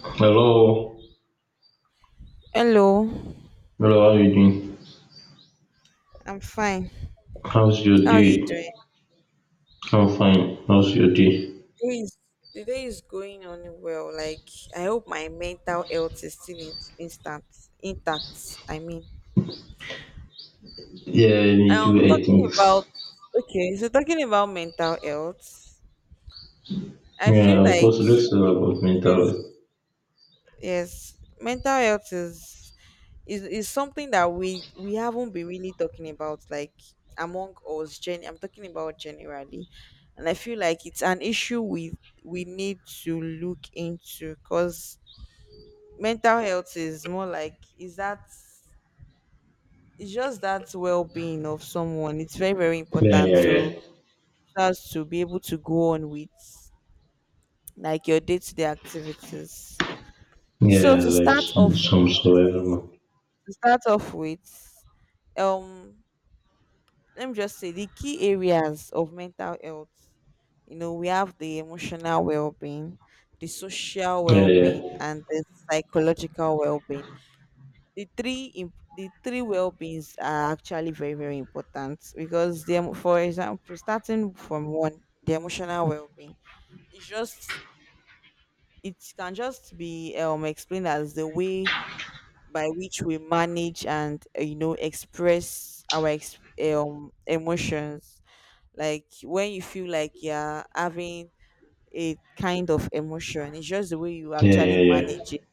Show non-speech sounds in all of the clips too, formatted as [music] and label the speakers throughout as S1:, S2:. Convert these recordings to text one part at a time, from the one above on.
S1: Hello.
S2: Hello,
S1: Hello, how you doing?
S2: I'm fine.
S1: How's your
S2: How are you
S1: day?
S2: doing?
S1: I'm fine. How's your day?
S2: The day is, the day is going on well. Like, I hope my mental health is still intact. I mean,
S1: Yeah, me too, I
S2: talking
S1: think.
S2: about okay, so talking about mental health, I
S1: Yeah,
S2: feel
S1: of course,
S2: like
S1: let's talk about
S2: it is
S1: mental health.
S2: yes, mental health is something that we haven't been really talking about, like among us gen I'm talking about generally. And I feel like it's an issue we need to look into, because mental health is more like, is that it's just that well-being of someone. It's very very
S1: Yeah,
S2: important
S1: yeah,
S2: to
S1: yeah.
S2: us, to be able to go on with, like, your day-to-day activities. So
S1: Yeah, like some
S2: to
S1: survival.
S2: start off with, um let me just say the key areas of mental health. You know, we have the emotional well-being, the social
S1: Yeah, yeah.
S2: well-being and the psychological well-being. The three well-beings are actually very very important, because them, for example, starting from one, the emotional well-being, it's just, it can just be explained as the way by which we manage and you know, express our emotions. Like when you feel like you're having a kind of emotion, it's just the way you
S1: Yeah,
S2: actually
S1: yeah, yeah.
S2: manage it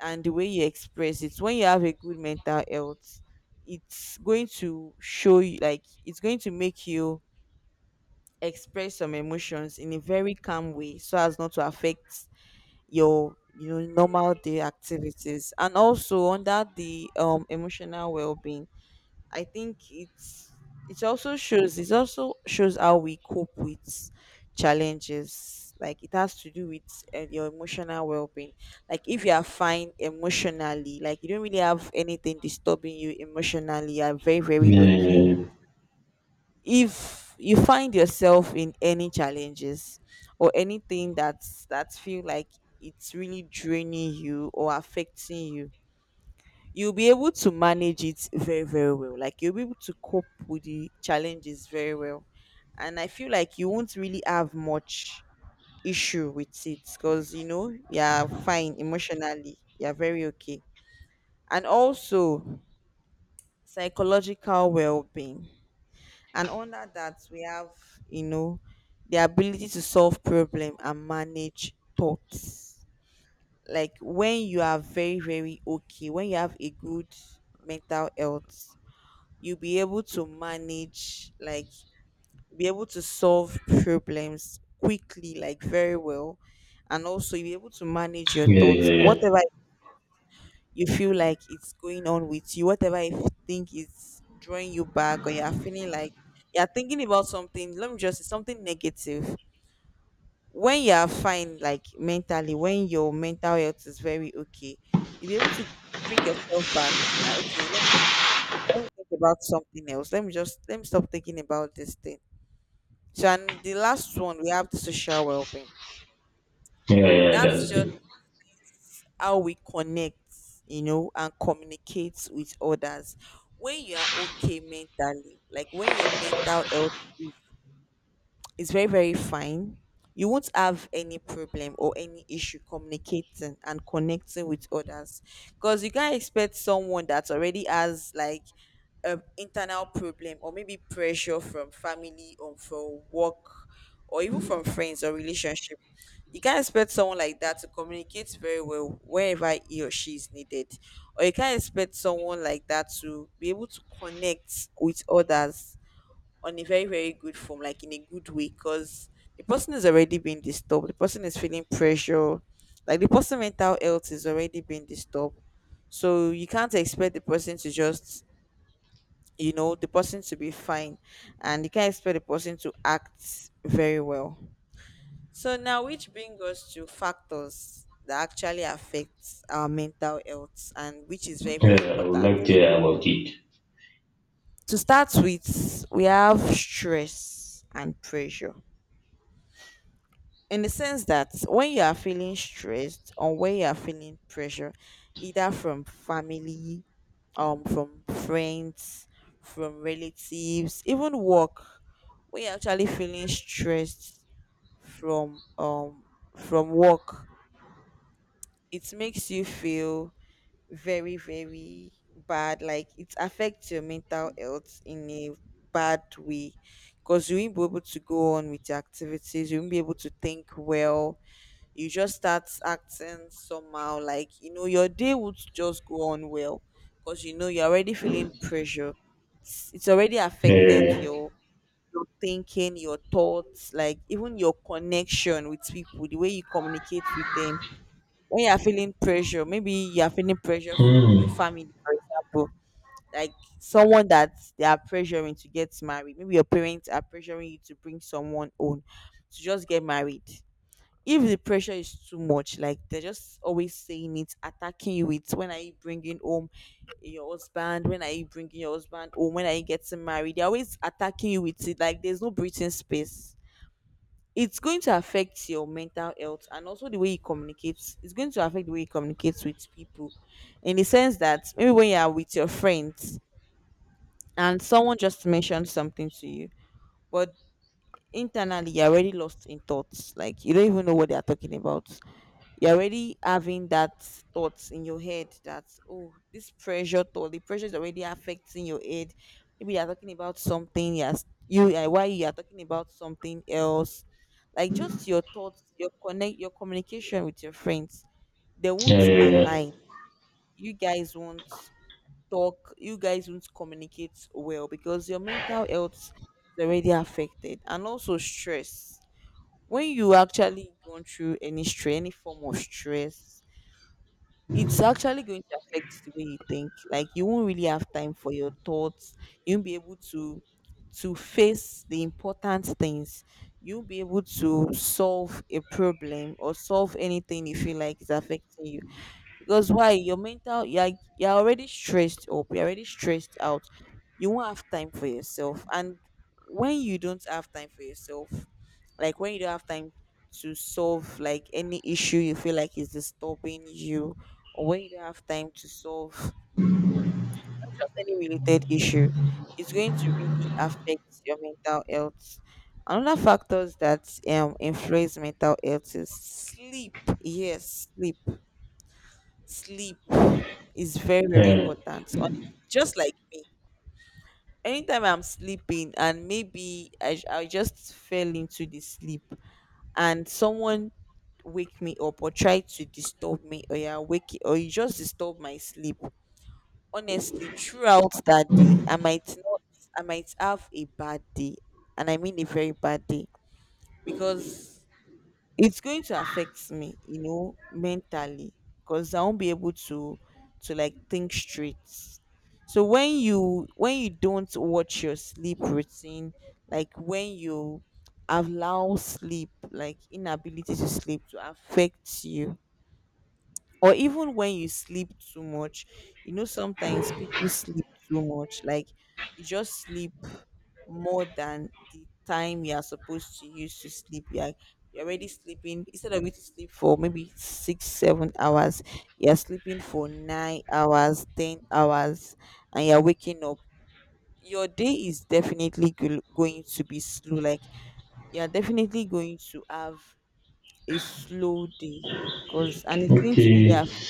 S2: and the way you express it. When you have a good mental health, it's going to show you, like it's going to make you express some emotions in a very calm way, so as not to affect your, you know, normal day activities. And also under the emotional well-being, I think it's, it also shows, it also shows how we cope with challenges. Like it has to do with your emotional well being. Like if you are fine emotionally, like you don't really have anything disturbing you emotionally, you are very very okay.
S1: Yeah,
S2: If you find yourself in any challenges or anything that's, that feel like it's really draining you or affecting you, you'll be able to manage it very very well, like you'll be able to cope with the challenges very well. And I feel like you won't really have much issue with it, because you know you're fine emotionally, you're very okay. And also, psychological well-being, and under that we have, you know, the ability to solve problem and manage thoughts. Like when you are very very okay, when you have a good mental health, you'll be able to manage, like be able to solve problems quickly, like very well. And also you'll be able to manage
S1: yeah,
S2: your
S1: yeah.
S2: thoughts,
S1: Yeah, yeah, yeah.
S2: whatever you feel like it's going on with you, whatever you think is drawing you back, or you're feeling like you're thinking about something, let me just say something negative. When you are fine, like mentally, when your mental health is very okay, you'll be able to bring yourself back, like, okay, let me think about something else. Let me stop thinking about this thing. So, and the last one, we have the social well-being.
S1: Yeah, yeah, that's
S2: That's just
S1: it.
S2: how we connect, you know, and communicate with others. When you are okay mentally, like when your mental health, it's very very fine, you won't have any problem or any issue communicating and connecting with others, because you can't expect someone that already has, like, an internal problem, or maybe pressure from family or from work, or even from friends or relationship, you can't expect someone like that to communicate very well wherever he or she is needed, or you can't expect someone like that to be able to connect with others on a very very good form, like in a good way, because the person is already being disturbed, the person is feeling pressure, like the person mental health is already being disturbed, so you can't expect the person to just, you know, the person to be fine, and you can't expect the person to act very well. So now, which brings us to factors that actually affect our mental health, and which is very very
S1: Yeah, I would
S2: important.
S1: like to hear about it.
S2: To start with, we have stress and pressure, in the sense that when you are feeling stressed, or when you are feeling pressure, either from family, from friends, from relatives, even work. When you're actually feeling stressed from um from work, it makes you feel very, very bad. Like it affects your mental health in a bad way, because you won't be able to go on with your activities, you won't be able to think well, you just start acting somehow, like you know your day would just go on well, because you know you're already feeling pressure, it's already
S1: Yeah, yeah,
S2: affected
S1: yeah.
S2: your thinking, your thoughts, like even your connection with people, the way you communicate with them. When you're feeling pressure, maybe you're feeling pressure from your
S1: Hmm.
S2: family, for example. Like someone that they are pressuring to get married, maybe your parents are pressuring you to bring someone on to just get married. If the pressure is too much, like they're just always saying it, attacking you with, when are you bringing home your husband? When are you bringing your husband home? When are you getting married? They're always attacking you with it. Like there's no breathing space. It's going to affect your mental health, and also the way you communicate. It's going to affect the way you communicate with people, in the sense that maybe when you are with your friends, and someone just mentioned something to you, but internally you're already lost in thoughts. Like you don't even know what they are talking about. You're already having that thoughts in your head, that, oh, this pressure thought, the pressure is already affecting your head. Maybe you're talking about something, yes, you, why you are talking about something else, like just your thoughts, your connect your communication with your friends, they
S1: Yeah,
S2: won't
S1: yeah, yeah.
S2: align, you guys won't talk, you guys won't communicate well, because your mental health is already affected. And also stress, when you actually gone through any stress, any form of stress, it's actually going to affect the way you think. Like you won't really have time for your thoughts. You won't be able to face the important things. You'll be able to solve a problem or solve anything you feel like is affecting you, because why, your mental, you're already stressed up, you're already stressed out, you won't have time for yourself. And when you don't have time for yourself, like when you don't have time to solve, like any issue you feel like is disturbing you, or when you don't have time to solve, not just any related issue, it's going to really affect your mental health. Another factors that influence mental health is sleep. Yes, sleep. Sleep is very, very
S1: Yeah.
S2: important. Just like me. Anytime I'm sleeping and maybe I just fell into the sleep, and someone wake me up or try to disturb me, or yeah, or you just disturb my sleep. Honestly, throughout that day, I might not I might have a bad day. And I mean a very bad day. Because it's going to affect me, you know, mentally, because I won't be able to like think straight. So when you don't watch your sleep routine, like when you allow sleep, like inability to sleep, to affect you, or even when you sleep too much, you know sometimes people sleep too much, like you just sleep more than the time you are supposed to use to sleep. Like you're already sleeping, instead of you to sleep for maybe 6 7 hours, you're sleeping for 9 hours, 10 hours, and you're waking up, your day is definitely going to be slow, like you're definitely going to have a slow day, because and it's going to really
S1: Okay.
S2: affect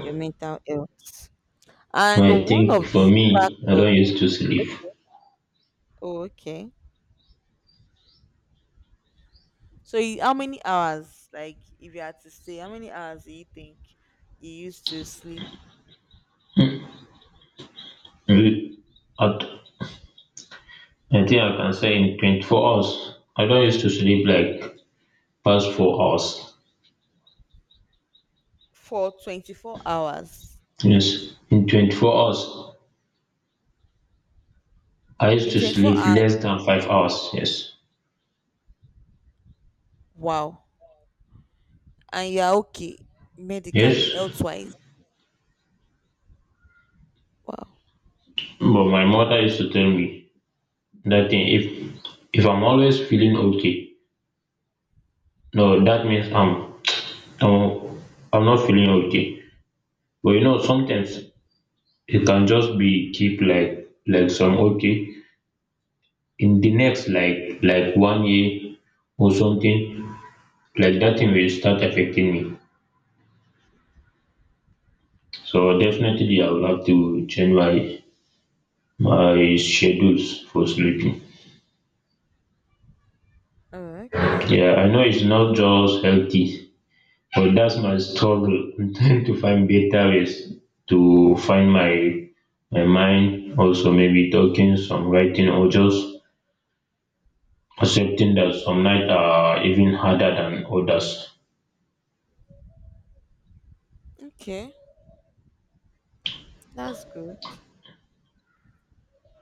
S2: your mental health. And
S1: I
S2: one
S1: think
S2: of
S1: for
S2: the
S1: me, I
S2: factors,
S1: don't used to sleep.
S2: okay, oh, okay. So, how many hours, like, if you had to say, how many hours do you think you used to sleep
S1: Mm. At I think I can say in 24 hours. I don't used to sleep like past 4 hours.
S2: for 24 hours?
S1: Yes. In 24 hours, I used
S2: In
S1: to
S2: 24
S1: sleep
S2: hours,
S1: less than 5 hours. Yes.
S2: wow. And you're okay medically,
S1: Yes.
S2: health wise, wow.
S1: But my mother used to tell me that thing, if I'm always feeling okay, no, that means I'm, I'm not feeling okay. But sometimes it can just be keep like some okay in the next like one year or something like that thing will start affecting me. So definitely I would have to change my schedules for sleeping.
S2: Oh, okay,
S1: Yeah, I know it's not just healthy, but that's my struggle. [laughs] I'm trying to find better ways to find my mind. Also, maybe talking, some writing, or just accepting that some nights are even harder than others.
S2: okay, that's good.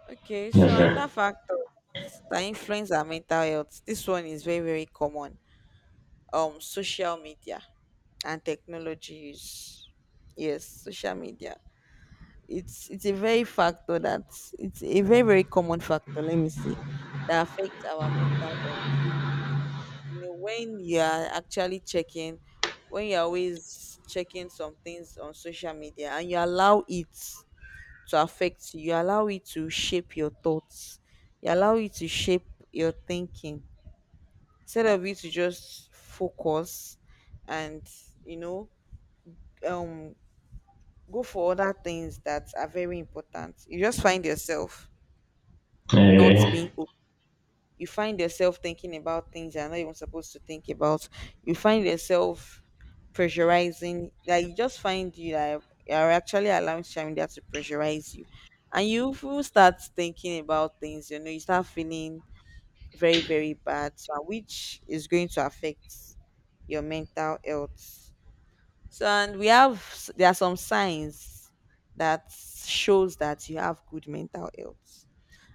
S2: Okay, so
S1: Yeah.
S2: another factor that influence our mental health. This one is very, very common. Social media, and technology use. Yes, social media. It's a very factor that, it's a very very common factor, let me see, that affects our mental health. You know, when you are actually checking, when you're always checking some things on social media, and you allow it to affect you, you allow it to shape your thoughts, you allow it to shape your thinking, instead of you to just focus and, you know um go for other things that are very important. You just find yourself
S1: Uh,
S2: not being
S1: yeah.
S2: open. You find yourself thinking about things you're not even supposed to think about. You find yourself pressurizing, that you just find you, that you're actually allowing social media to pressurize you. And you will start thinking about things, you know, you start feeling very, very bad, so which is going to affect your mental health. So and we have there are some signs that shows that you have good mental health,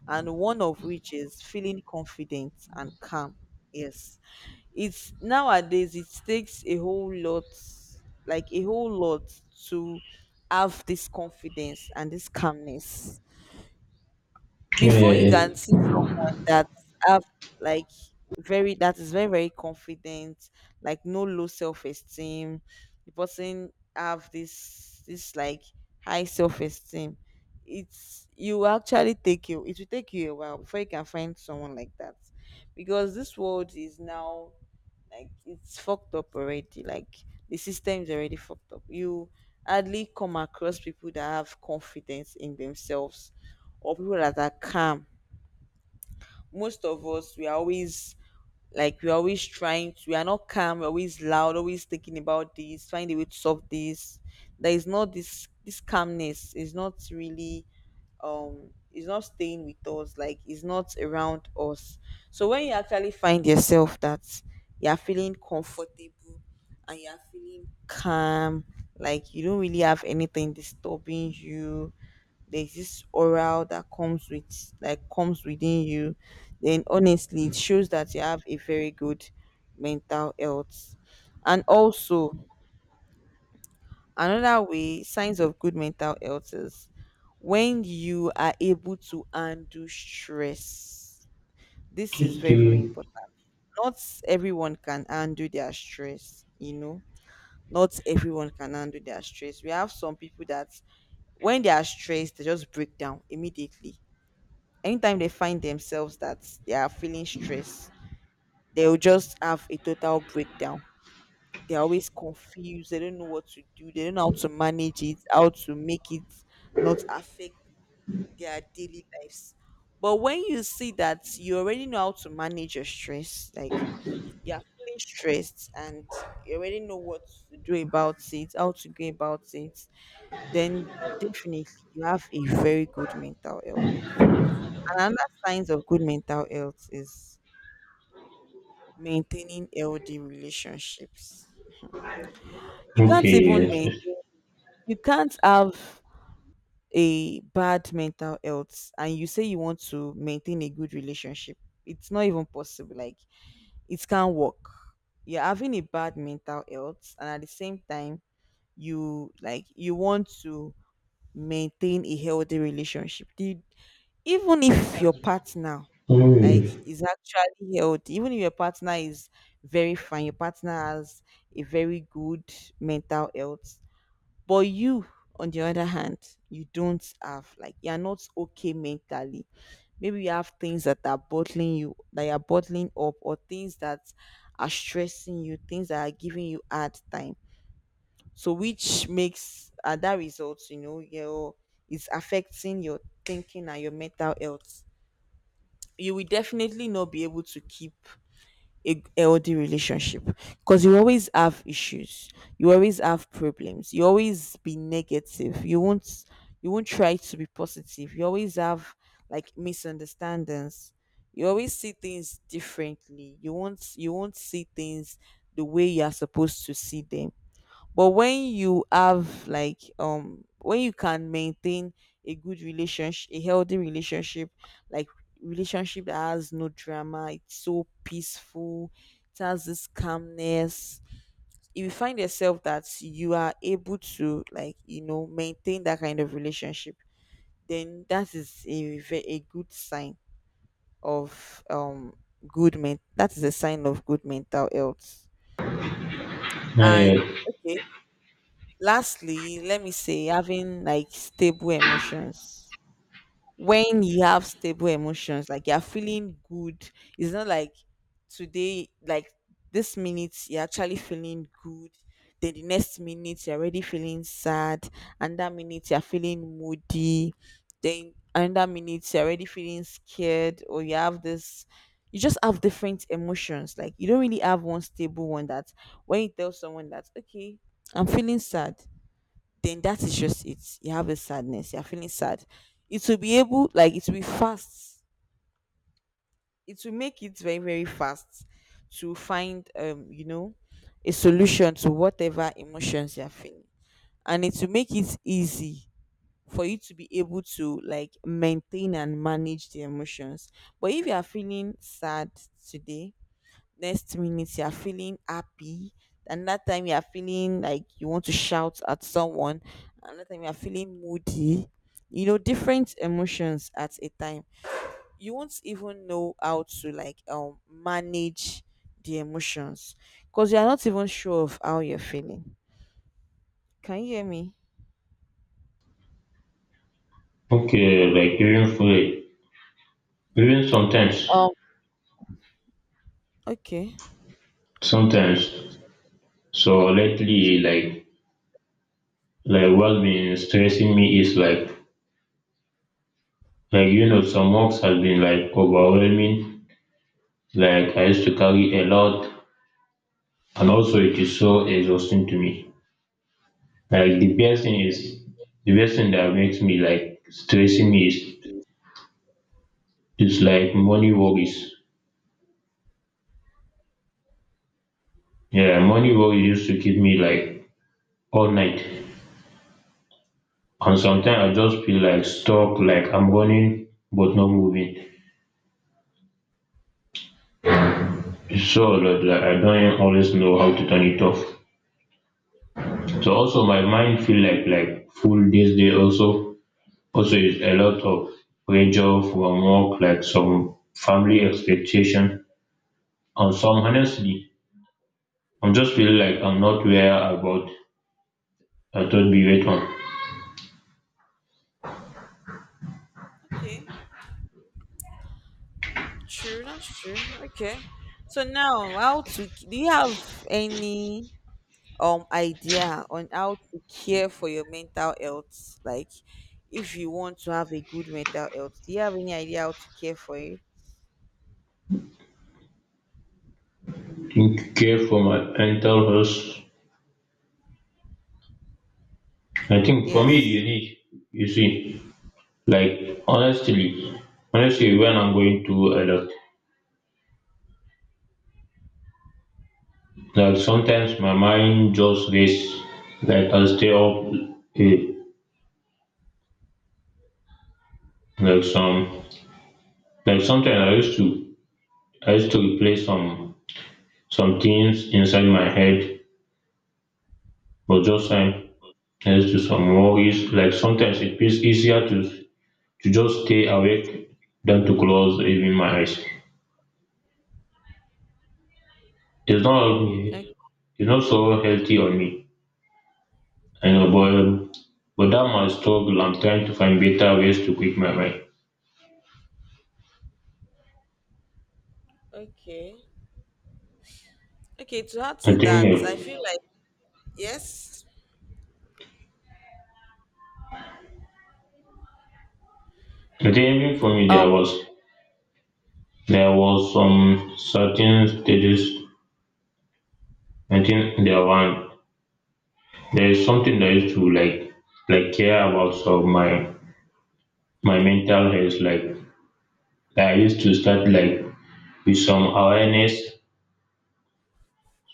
S2: and one of which is feeling confident and calm. Yes, it's nowadays it takes a whole lot, like a whole lot, to have this confidence and this calmness before you
S1: Eh,
S2: can
S1: eh.
S2: see someone that have like very that is very very confident, like no low self-esteem, the person have this like high self-esteem. It's you actually take you it will take you a while before you can find someone like that, because this world is now like it's fucked up already, like the system is already fucked up. You hardly come across people that have confidence in themselves or people that are calm. Most of us we are always like we're always trying to, we are not calm, we're always loud, always thinking about this, find a way to solve this. There is not this calmness is not really, is not staying with us, like is not around us. So when you actually find yourself that you're feeling comfortable and you're feeling calm, like you don't really have anything disturbing you, there's this aura that comes with, like, comes within you, then honestly it shows that you have a very good mental health. And also another way, signs of good mental health is when you are able to handle stress. This is very, very
S1: Okay.
S2: important. Not everyone can handle their stress, you know. Not everyone can handle their stress. We have some people that when they are stressed, they just break down immediately. Anytime they find themselves that they are feeling stress, they'll just have a total breakdown. They're always confused. They don't know what to do. They don't know how to manage it, how to make it not affect their daily lives. But when you see that you already know how to manage your stress, like you're feeling stressed and you already know what to do about it, how to go about it, then definitely you have a very good mental health. And another signs of good mental health is maintaining healthy relationships. You
S1: Okay.
S2: can't even
S1: Yes. Yes.
S2: maintain, you can't have a bad mental health and you say you want to maintain a good relationship. It's not even possible, like it can't work. You're having a bad mental health and at the same time you like you want to maintain a healthy relationship. The- even if your partner like
S1: Mm,
S2: is actually healthy, even if your partner is very fine, your partner has a very good mental health, but you, on the other hand, you don't have, like you're not okay mentally. Maybe you have things that are bottling you, that you're bottling up, or things that are stressing you, things that are giving you hard time. So which makes that results, you know, your is affecting your thinking and your mental health. You will definitely not be able to keep a healthy relationship, because you always have issues, you always have problems, you always be negative, you won't try to be positive, you always have like misunderstandings, you always see things differently, you won't see things the way you are supposed to see them. But when you have like when you can maintain a good relationship, a healthy relationship, like relationship that has no drama, it's so peaceful, it has this calmness. If you find yourself that you are able to like, you know, maintain that kind of relationship, then that is a a good sign of good men that is a sign of good mental health. And
S1: eh,
S2: okay, lastly, let me say having like stable emotions. When you have stable emotions, like you're feeling good, it's not like today, like this minute, you're actually feeling good. Then the next minute, you're already feeling sad. And that minute, you're feeling moody. Then another minute, you're already feeling scared, or you have this. You just have different emotions. Like you don't really have one stable one that when you tell someone that, okay, I'm feeling sad, then that is just it. You have a sadness. You're feeling sad. It will be able, like, it will be fast. It will make it very, very fast to find, you know, a solution to whatever emotions you're feeling, and it will make it easy for you to be able to like maintain and manage the emotions. But if you are feeling sad today, next minute you are feeling happy, and that time you are feeling like you want to shout at someone, and that time you are feeling moody, you know, different emotions at a time, you won't even know how to like manage the emotions, because you are not even sure of how you're feeling. Can you hear me?
S1: okay. Like even food. Even sometimes,
S2: Um, okay,
S1: sometimes. So lately, like what's been stressing me is like some works has been like overwhelming. Like I used to carry a lot, and also it is so exhausting to me. Like the best thing that makes me like stressing me is,
S2: okay,
S1: is like money worries. Yeah, money worries used to keep me like all night, and sometimes I just feel like stuck, like I'm running but not moving. So like I don't always know how to turn it off. So also my mind feel like full this day. Also is a lot of pressure from work, like some family expectation. And some, honestly, I'm just feel like I'm not where about I thought be wait on.
S2: okay. True, that's true. Okay. So now, how to do you have any idea on how to care for your mental health? Like, if you want to have a good mental health, do you have any idea how to care for it?
S1: Think care for my mental health. I think for me, you
S2: Yes.
S1: need. You see, like, honestly, when I'm going through a lot. Like sometimes my mind just race, like I stay up late. Like some like sometimes I used to replay some things inside my head, but just time next to some worries. Like sometimes it feels easier to just stay awake than to close even my eyes. It's not
S2: O-
S1: it's not so healthy on me. I know, but but that my struggle. I'm trying to find better ways to quit my mind.
S2: Okay. Okay. To add to
S1: I
S2: that, I
S1: think uh,
S2: feel like yes.
S1: I think even for me there
S2: Um.
S1: was. There was some certain stages, I think. There is something I used to like care about, so my mental health. Like I used to start like with some awareness,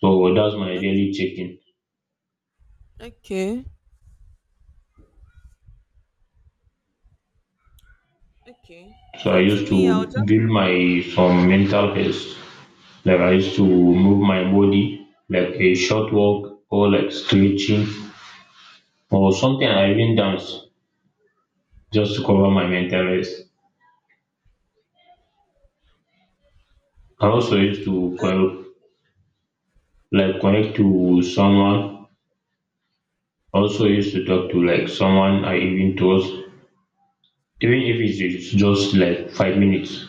S1: so that's my
S2: o-
S1: daily checking.
S2: Okay. Okay.
S1: So I
S2: So to
S1: used
S2: me, I'll
S1: to
S2: just
S1: build my some mental health, like I used to move my body, like a short walk or like stretching or something. I even dance just to cover my mental health. I also used to like connect to someone, also used to talk to like someone I even trust, even if it's just like 5 minutes.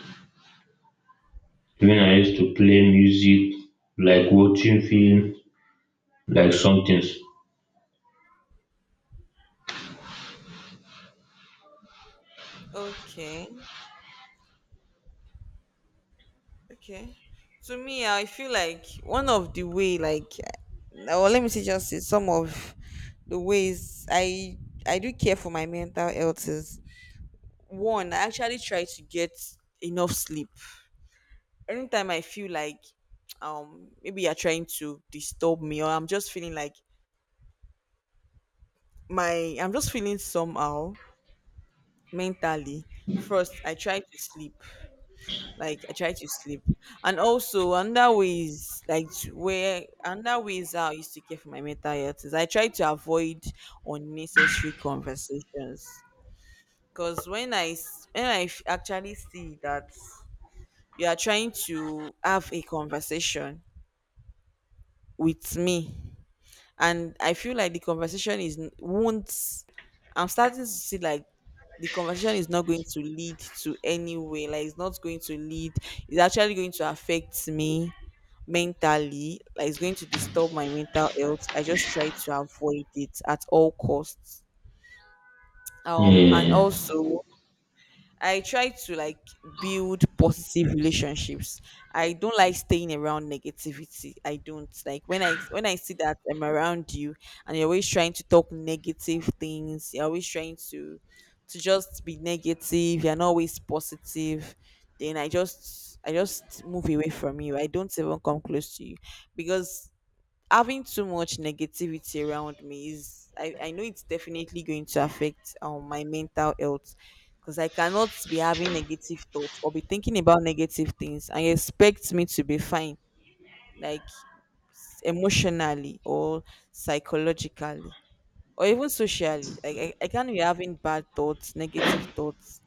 S1: Even I used to play music, like watching film, like some things.
S2: okay. Okay. To me, I feel like one of the way, like, eh, or let me say just say some of the ways I do care for my mental health is one. I actually try to get enough sleep. Anytime I feel like, maybe you're trying to disturb me, or I'm just feeling like my I'm just feeling somehow mentally. First, I try to sleep. Like I try to sleep. And also another way is like where another way is how I used to care for my mental health is I try to avoid unnecessary conversations. Because when when actually see that you are trying to have a conversation with me, and I feel like the conversation is won't. I'm starting to see like the conversation is not going to lead to anywhere. Like it's not going to lead. It's actually going to affect me mentally, like it's going to disturb my mental health. I just try to avoid it at all costs. And
S1: Yeah,
S2: also, I try to like build positive relationships. I don't like staying around negativity. I don't like when I see that I'm around you and you're always trying to talk negative things, you're always trying to just be negative, you're not always positive, then I just move away from you. I don't even come close to you, because having too much negativity around me is, I know it's definitely going to affect my mental health, because I cannot be having negative thoughts or be thinking about negative things and expect me to be fine, like emotionally or psychologically or even socially. Like I can't be having bad thoughts, negative thoughts,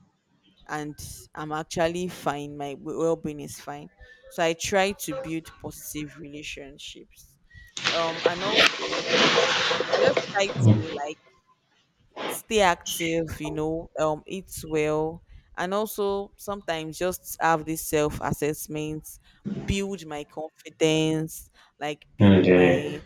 S2: and I'm actually fine. My well-being is fine. So I try to build positive relationships. And also I just try to like stay active, you know, eat well, and also sometimes just have this self-assessment, build my confidence, like
S1: and
S2: build
S1: yeah.
S2: my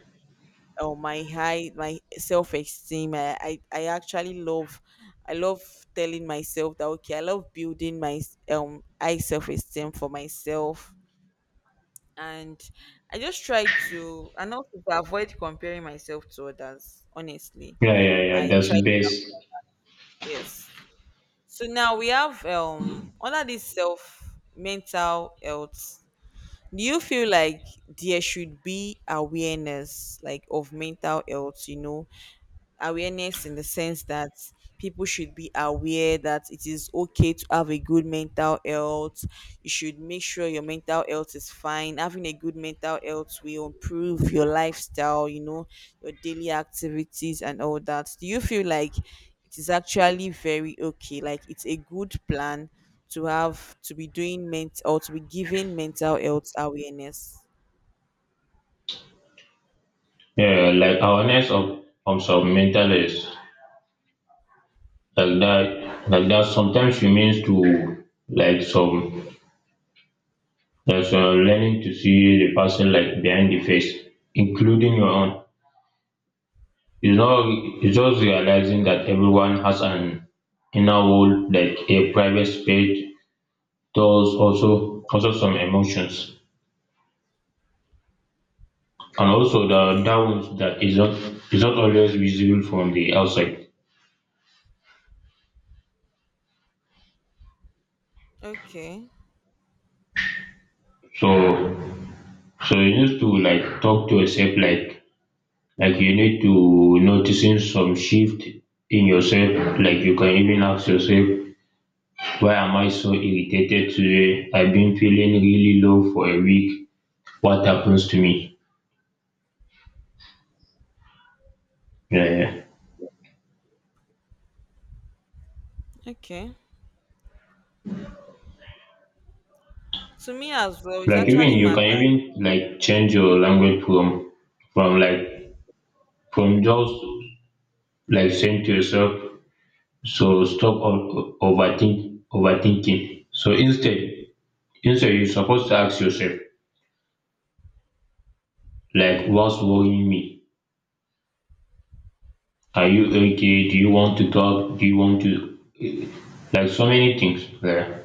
S2: or my high my self esteem. I actually love, I love telling myself that okay, I love building my high self esteem for myself. And I just try to, and also to avoid comparing myself to others, honestly,
S1: Yeah, yeah,
S2: I
S1: that's
S2: try.
S1: best.
S2: Yes. So now we have under this self mental health, do you feel like there should be awareness, like, of mental health, you know, awareness in the sense that people should be aware that it is okay to have a good mental health. You should make sure your mental health is fine. Having a good mental health will improve your lifestyle, you know, your daily activities and all that. Do you feel like it is actually very okay? Like it's a good plan to have to be doing mental or to be giving mental health awareness.
S1: Yeah, like awareness of some mental health, like that like that sometimes it means to like some, like some learning to see the person, like behind the face, including your own. It's not it's just realizing that everyone has an inner world, like a private space, those also some emotions. And also the
S2: Okay,
S1: downs that is not always visible from the outside.
S2: okay,
S1: So so you need to like talk to yourself, like you need to noticing some shift in yourself. Like you can even ask yourself, why am I so irritated today? I've been feeling really low for a week. What happens to me? Yeah, yeah.
S2: okay. To me as well, it
S1: Like even
S2: actually
S1: you can
S2: matters.
S1: even like change your language from like from just like saying to yourself, so stop overthinking. So instead you're supposed to ask yourself, like what's worrying me? Are you okay? Do you want to talk? Do you want to like so many things? Yeah,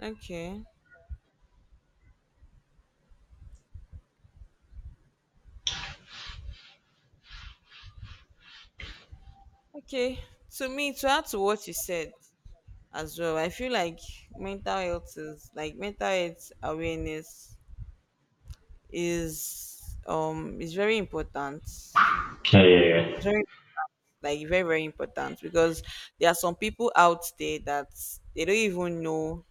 S2: Okay. Okay. To me, to add to what you said as well, I feel like mental health is like mental health awareness is very important. It's
S1: yeah, yeah,
S2: very, like very very important, because there are some people out there that they don't even know,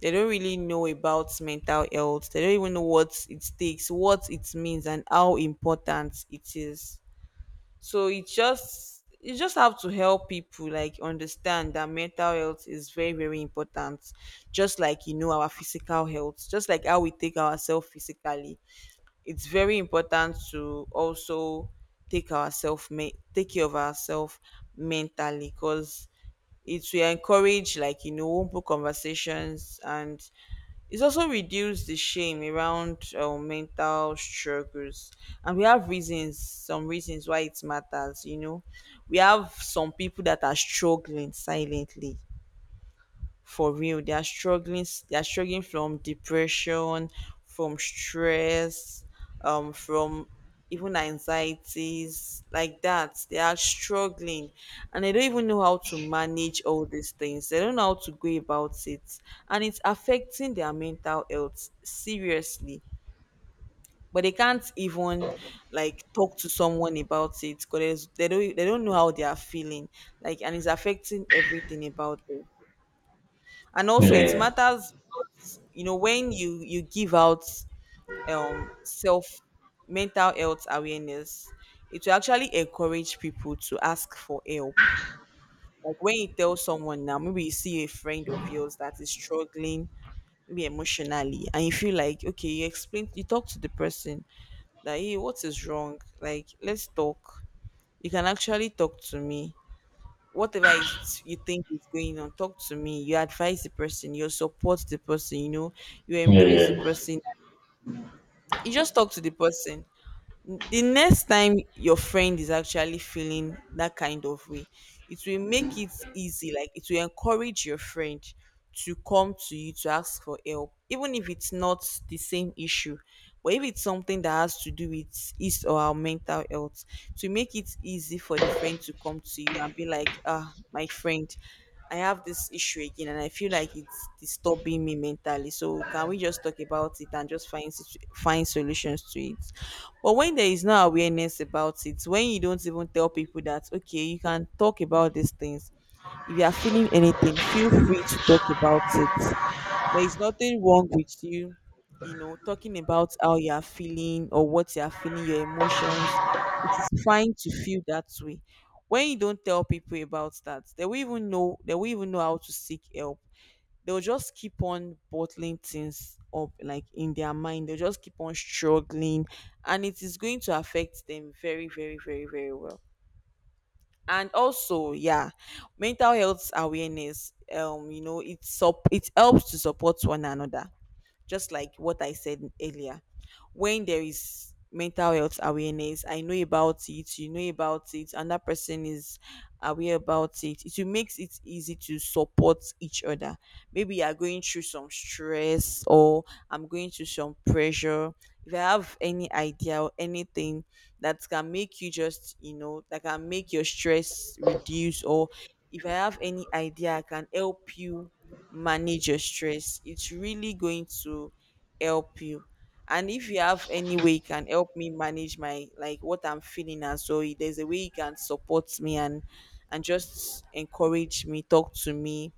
S2: they don't really know about mental health. They don't even know what it takes, what it means, and how important it is. So it just you just have to help people like understand that mental health is very, very important, just like our physical health, just like how we take ourselves physically. It's very important to also take care of ourselves mentally, because it will encourage, open conversations, and it's also reduced the shame around mental struggles, and we have reasons, some reasons why it matters. We have some people that are struggling silently. For real, they are struggling. They are struggling from depression, from stress, from even anxieties like that. They are struggling, and they don't even know how to manage all these things. They don't know how to go about it, and it's affecting their mental health seriously, but they can't even like talk to someone about it, because they don't know how they are feeling, like, and it's affecting everything about them. And
S1: yeah,
S2: also,
S1: yeah,
S2: it
S1: yeah,
S2: matters because, you know, when you give out self mental health awareness, it will actually encourage people to ask for help. Like, when you tell someone, now maybe you see a friend of yours that is struggling, maybe emotionally, and you feel like, okay, you explain, you talk to the person, that hey, what is wrong, like let's talk, you can actually talk to me, whatever is you think is going on, talk to me. You advise the person, you support the person, you
S1: yeah,
S2: embrace the
S1: yeah,
S2: person. You just talk to the person. The next time your friend is actually feeling that kind of way, it will make it easy, like it will encourage your friend to come to you to ask for help, even if it's not the same issue. But if it's something that has to do with his or our mental health, to make it easy for the friend to come to you and be like, ah, my friend, I have this issue again, and I feel like it's disturbing me mentally, so can we just talk about it and just find solutions to it. But when there is no awareness about it, when you don't even tell people that, okay, you can talk about these things. If you are feeling anything, feel free to talk about it. There is nothing wrong with you, talking about how you are feeling or what you are feeling, your emotions. It is fine to feel that way. When you don't tell people about that, they will even know how to seek help. They'll just keep on bottling things up, like in their mind they'll just keep on struggling, and it is going to affect them very, very, very, very well. And also, yeah, mental health awareness, it helps to support one another, just like what I said earlier. When there is mental health awareness, I know about it, you know about it, and that person is aware about it. It will makes it easy to support each other. Maybe you are going through some stress, or I'm going through some pressure. If I have any idea or anything that can make you just, that can make your stress reduce, or if I have any idea I can help you manage your stress, it's really going to help you. And if you have any way you can help me manage my, like, what I'm feeling, and so there's a way you can support me, and just encourage me, talk to me,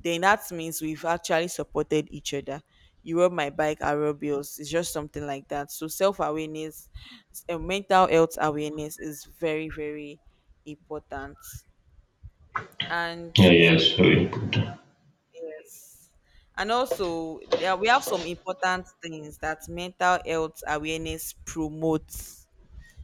S2: then that means we've actually supported each other. You rub my bike, I rub yours. It's just something like that. So self awareness, mental health awareness is very, very important, and
S1: yeah, yeah, it's very important.
S2: yes. And also, there we have some important things that mental health awareness promotes.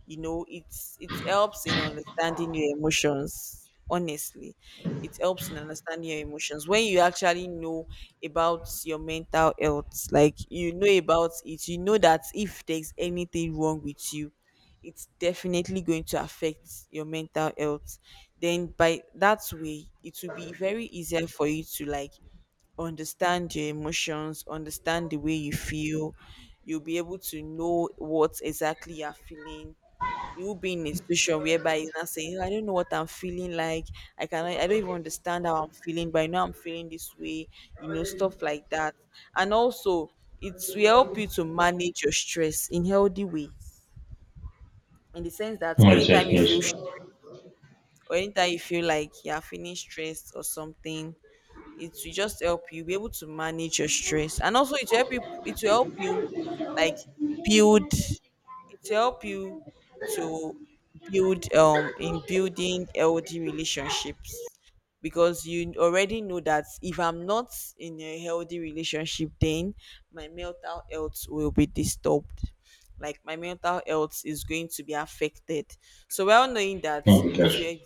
S2: You know, it helps in understanding your emotions. Honestly, it helps in understanding your emotions when you actually know about your mental health. Like, you know about it, you know that if there's anything wrong with you, it's definitely going to affect your mental health. Then by that way, it will be very easier for you to, like, understand your emotions, understand the way you feel. You'll be able to know what exactly you're feeling. You'll be in a situation whereby you're not saying, I don't know what I'm feeling like. I don't even understand how I'm feeling, but I know I'm feeling this way, you know, stuff like that. And also, it will help you to manage your stress in healthy ways, in the sense that
S1: Yes, yes,
S2: anytime you feel
S1: yes.
S2: stressed, or anytime you feel like you're feeling stressed or something, it will just help you be able to manage your stress, and also it will help you like build it will help you to build in building healthy relationships, because you already know that if I'm not in a healthy relationship, then my mental health will be disturbed, like my mental health is going to be affected. So well, knowing that,
S1: Mm,
S2: it
S1: yes.
S2: will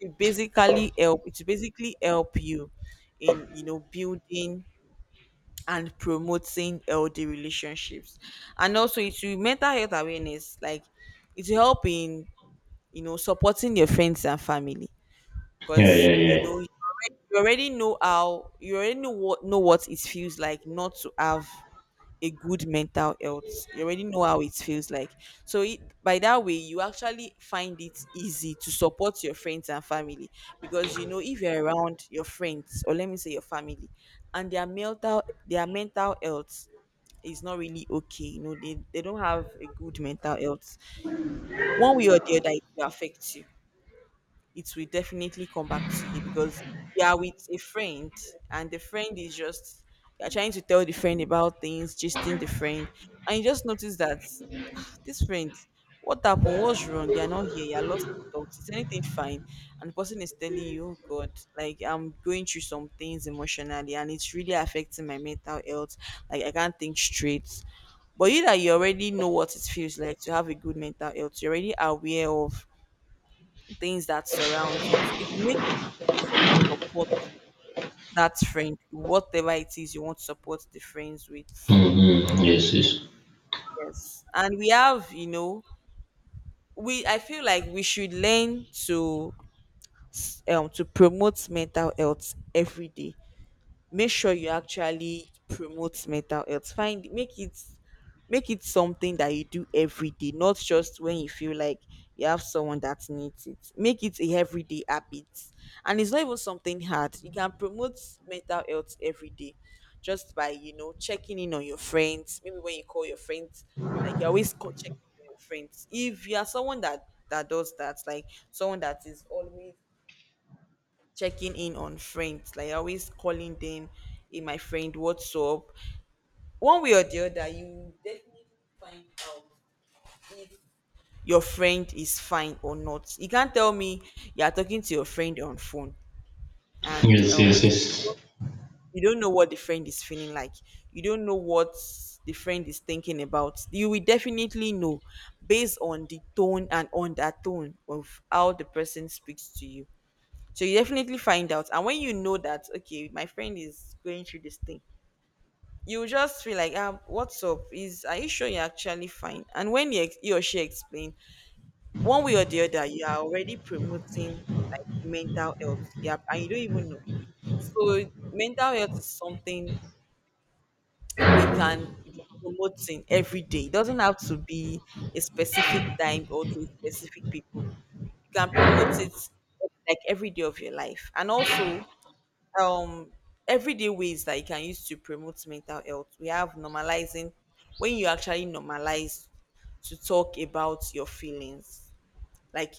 S2: to basically help it basically help you in, you know, building and promoting healthy relationships. And also, it's will, mental health awareness, like it will help in, you know, supporting your friends and family,
S1: Yeah,
S2: because
S1: yeah,
S2: you know
S1: yeah.
S2: you already know how you already know what it feels like not to have a good mental health. You already know how it feels like. So it, by that way, you actually find it easy to support your friends and family, because you know, if you're around your friends or let me say your family, and their mental health is not really okay. You know, they don't have a good mental health. One way or the other, it will affect you. It will definitely come back to you, because you are with a friend, and the friend is just, you're trying to tell the friend about things, gisting the friend, and you just notice that, ah, this friend, what happened? What's wrong? You're not here, you're lost in thoughts. Is anything fine? And the person is telling you, oh God, like I'm going through some things emotionally, and it's really affecting my mental health. Like, I can't think straight. But you that you already know what it feels like to have a good mental health, you're already aware of things that surrounds it. It will make it easy for you to support that friend, whatever it is you want to support the friends with.
S1: Mm-hmm. Yes, yes.
S2: Yes. And we have, you know, we, I feel like we should learn to promote mental health every day. Make sure you actually promote mental health, find, make it, make it something that you do every day, not just when you feel like you have someone that needs it. Make it a everyday habit. And it's not even something hard. You can promote mental health every day, just by, you know, checking in on your friends. Maybe when you call your friends, like you're always checking in on your friends, if you are someone that does that, like someone that is always checking in on friends, like always calling them, in my friend, what's up? One way or the other, you will definitely find out if your friend is fine or not. You can't tell me you are talking to your friend on phone, and
S1: Yes, yes, yes.
S2: you don't know what the friend is feeling like. You don't know what the friend is thinking about. You will definitely know based on the tone, and on that tone of how the person speaks to you. So you definitely find out. And when you know that, okay, my friend is going through this thing, you will just feel like, ah, what's up? Is Are you sure you're actually fine? And when he or she explain, one way or the other, you are already promoting, like, mental health. Yeah, and you don't even know. So mental health is something we can be promoting every day. It doesn't have to be a specific time or to specific people. You can promote it, like, every day of your life. And also, um everyday ways that you can use to promote mental health. We have normalizing, when you actually normalize to talk about your feelings. Like,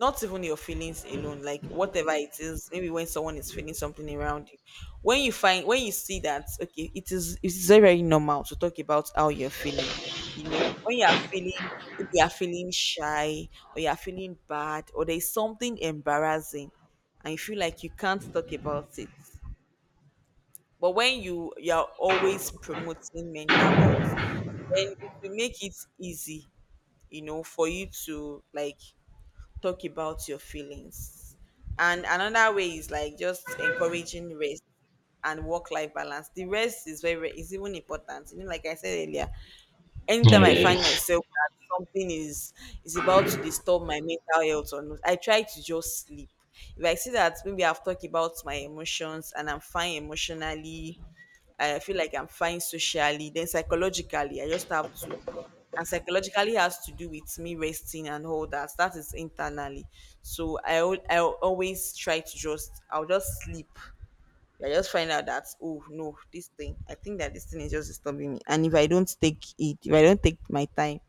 S2: not even your feelings alone, like whatever it is, maybe when someone is feeling something around you. When you find, when you see that, okay, it is, it's very, very normal to talk about how you're feeling. You know, when you are feeling, maybe you are feeling shy, or you are feeling bad, or there's something embarrassing, and you feel like you can't talk about it, but when you're always promoting mental health, then it will make it easy, you know, for you to, like, talk about your feelings. And another way is, like, just encouraging rest and work life balance. The rest is very, is even important. You know, like I said earlier,
S1: Yeah,
S2: anytime I
S1: yeah, yeah.
S2: find myself that something is about to disturb my mental health or not, I try to just sleep. If I see that maybe I've talked about my emotions and I'm fine emotionally, I feel like I'm fine socially. Then psychologically, I just have to, and psychologically has to do with me resting and all that. That is internally. So I always try to just, I'll just sleep. I just find out that, oh no, this thing. I think that this thing is just disturbing me. And if I don't take it, if I don't take my time,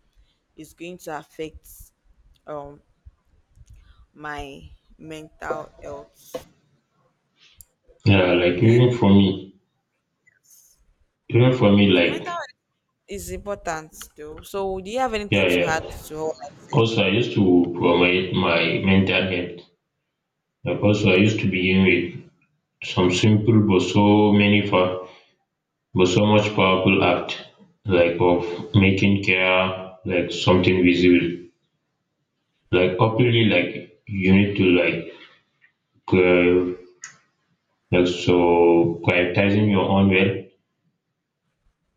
S2: it's going to affect um my mental health.
S1: Yeah, like
S2: Okay.
S1: even for me,
S2: So mental
S1: like
S2: health is important though. So do you have anything
S1: yeah,
S2: to add
S1: yeah.
S2: to all I said?
S1: Also, I used to promote my mental health. Like also, I used to begin with some simple, but so much powerful act, like of making care like something visible. Like obviously, like you need to uh, like so prioritizing your own well,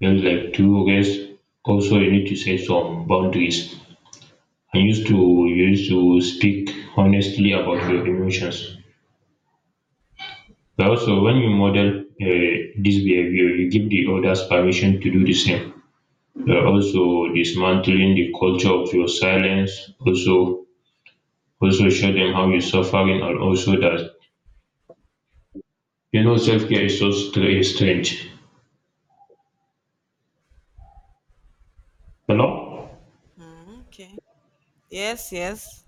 S1: well, like two guys. Also, you need to set some boundaries and used to speak honestly about your emotions. But also, when you model this behavior, you give the others permission to do the same. Also, dismantling the culture of your silence. Also show them how you're suffering, and also that self care is so strange. Hello.
S2: Mm, okay. Yes, yes.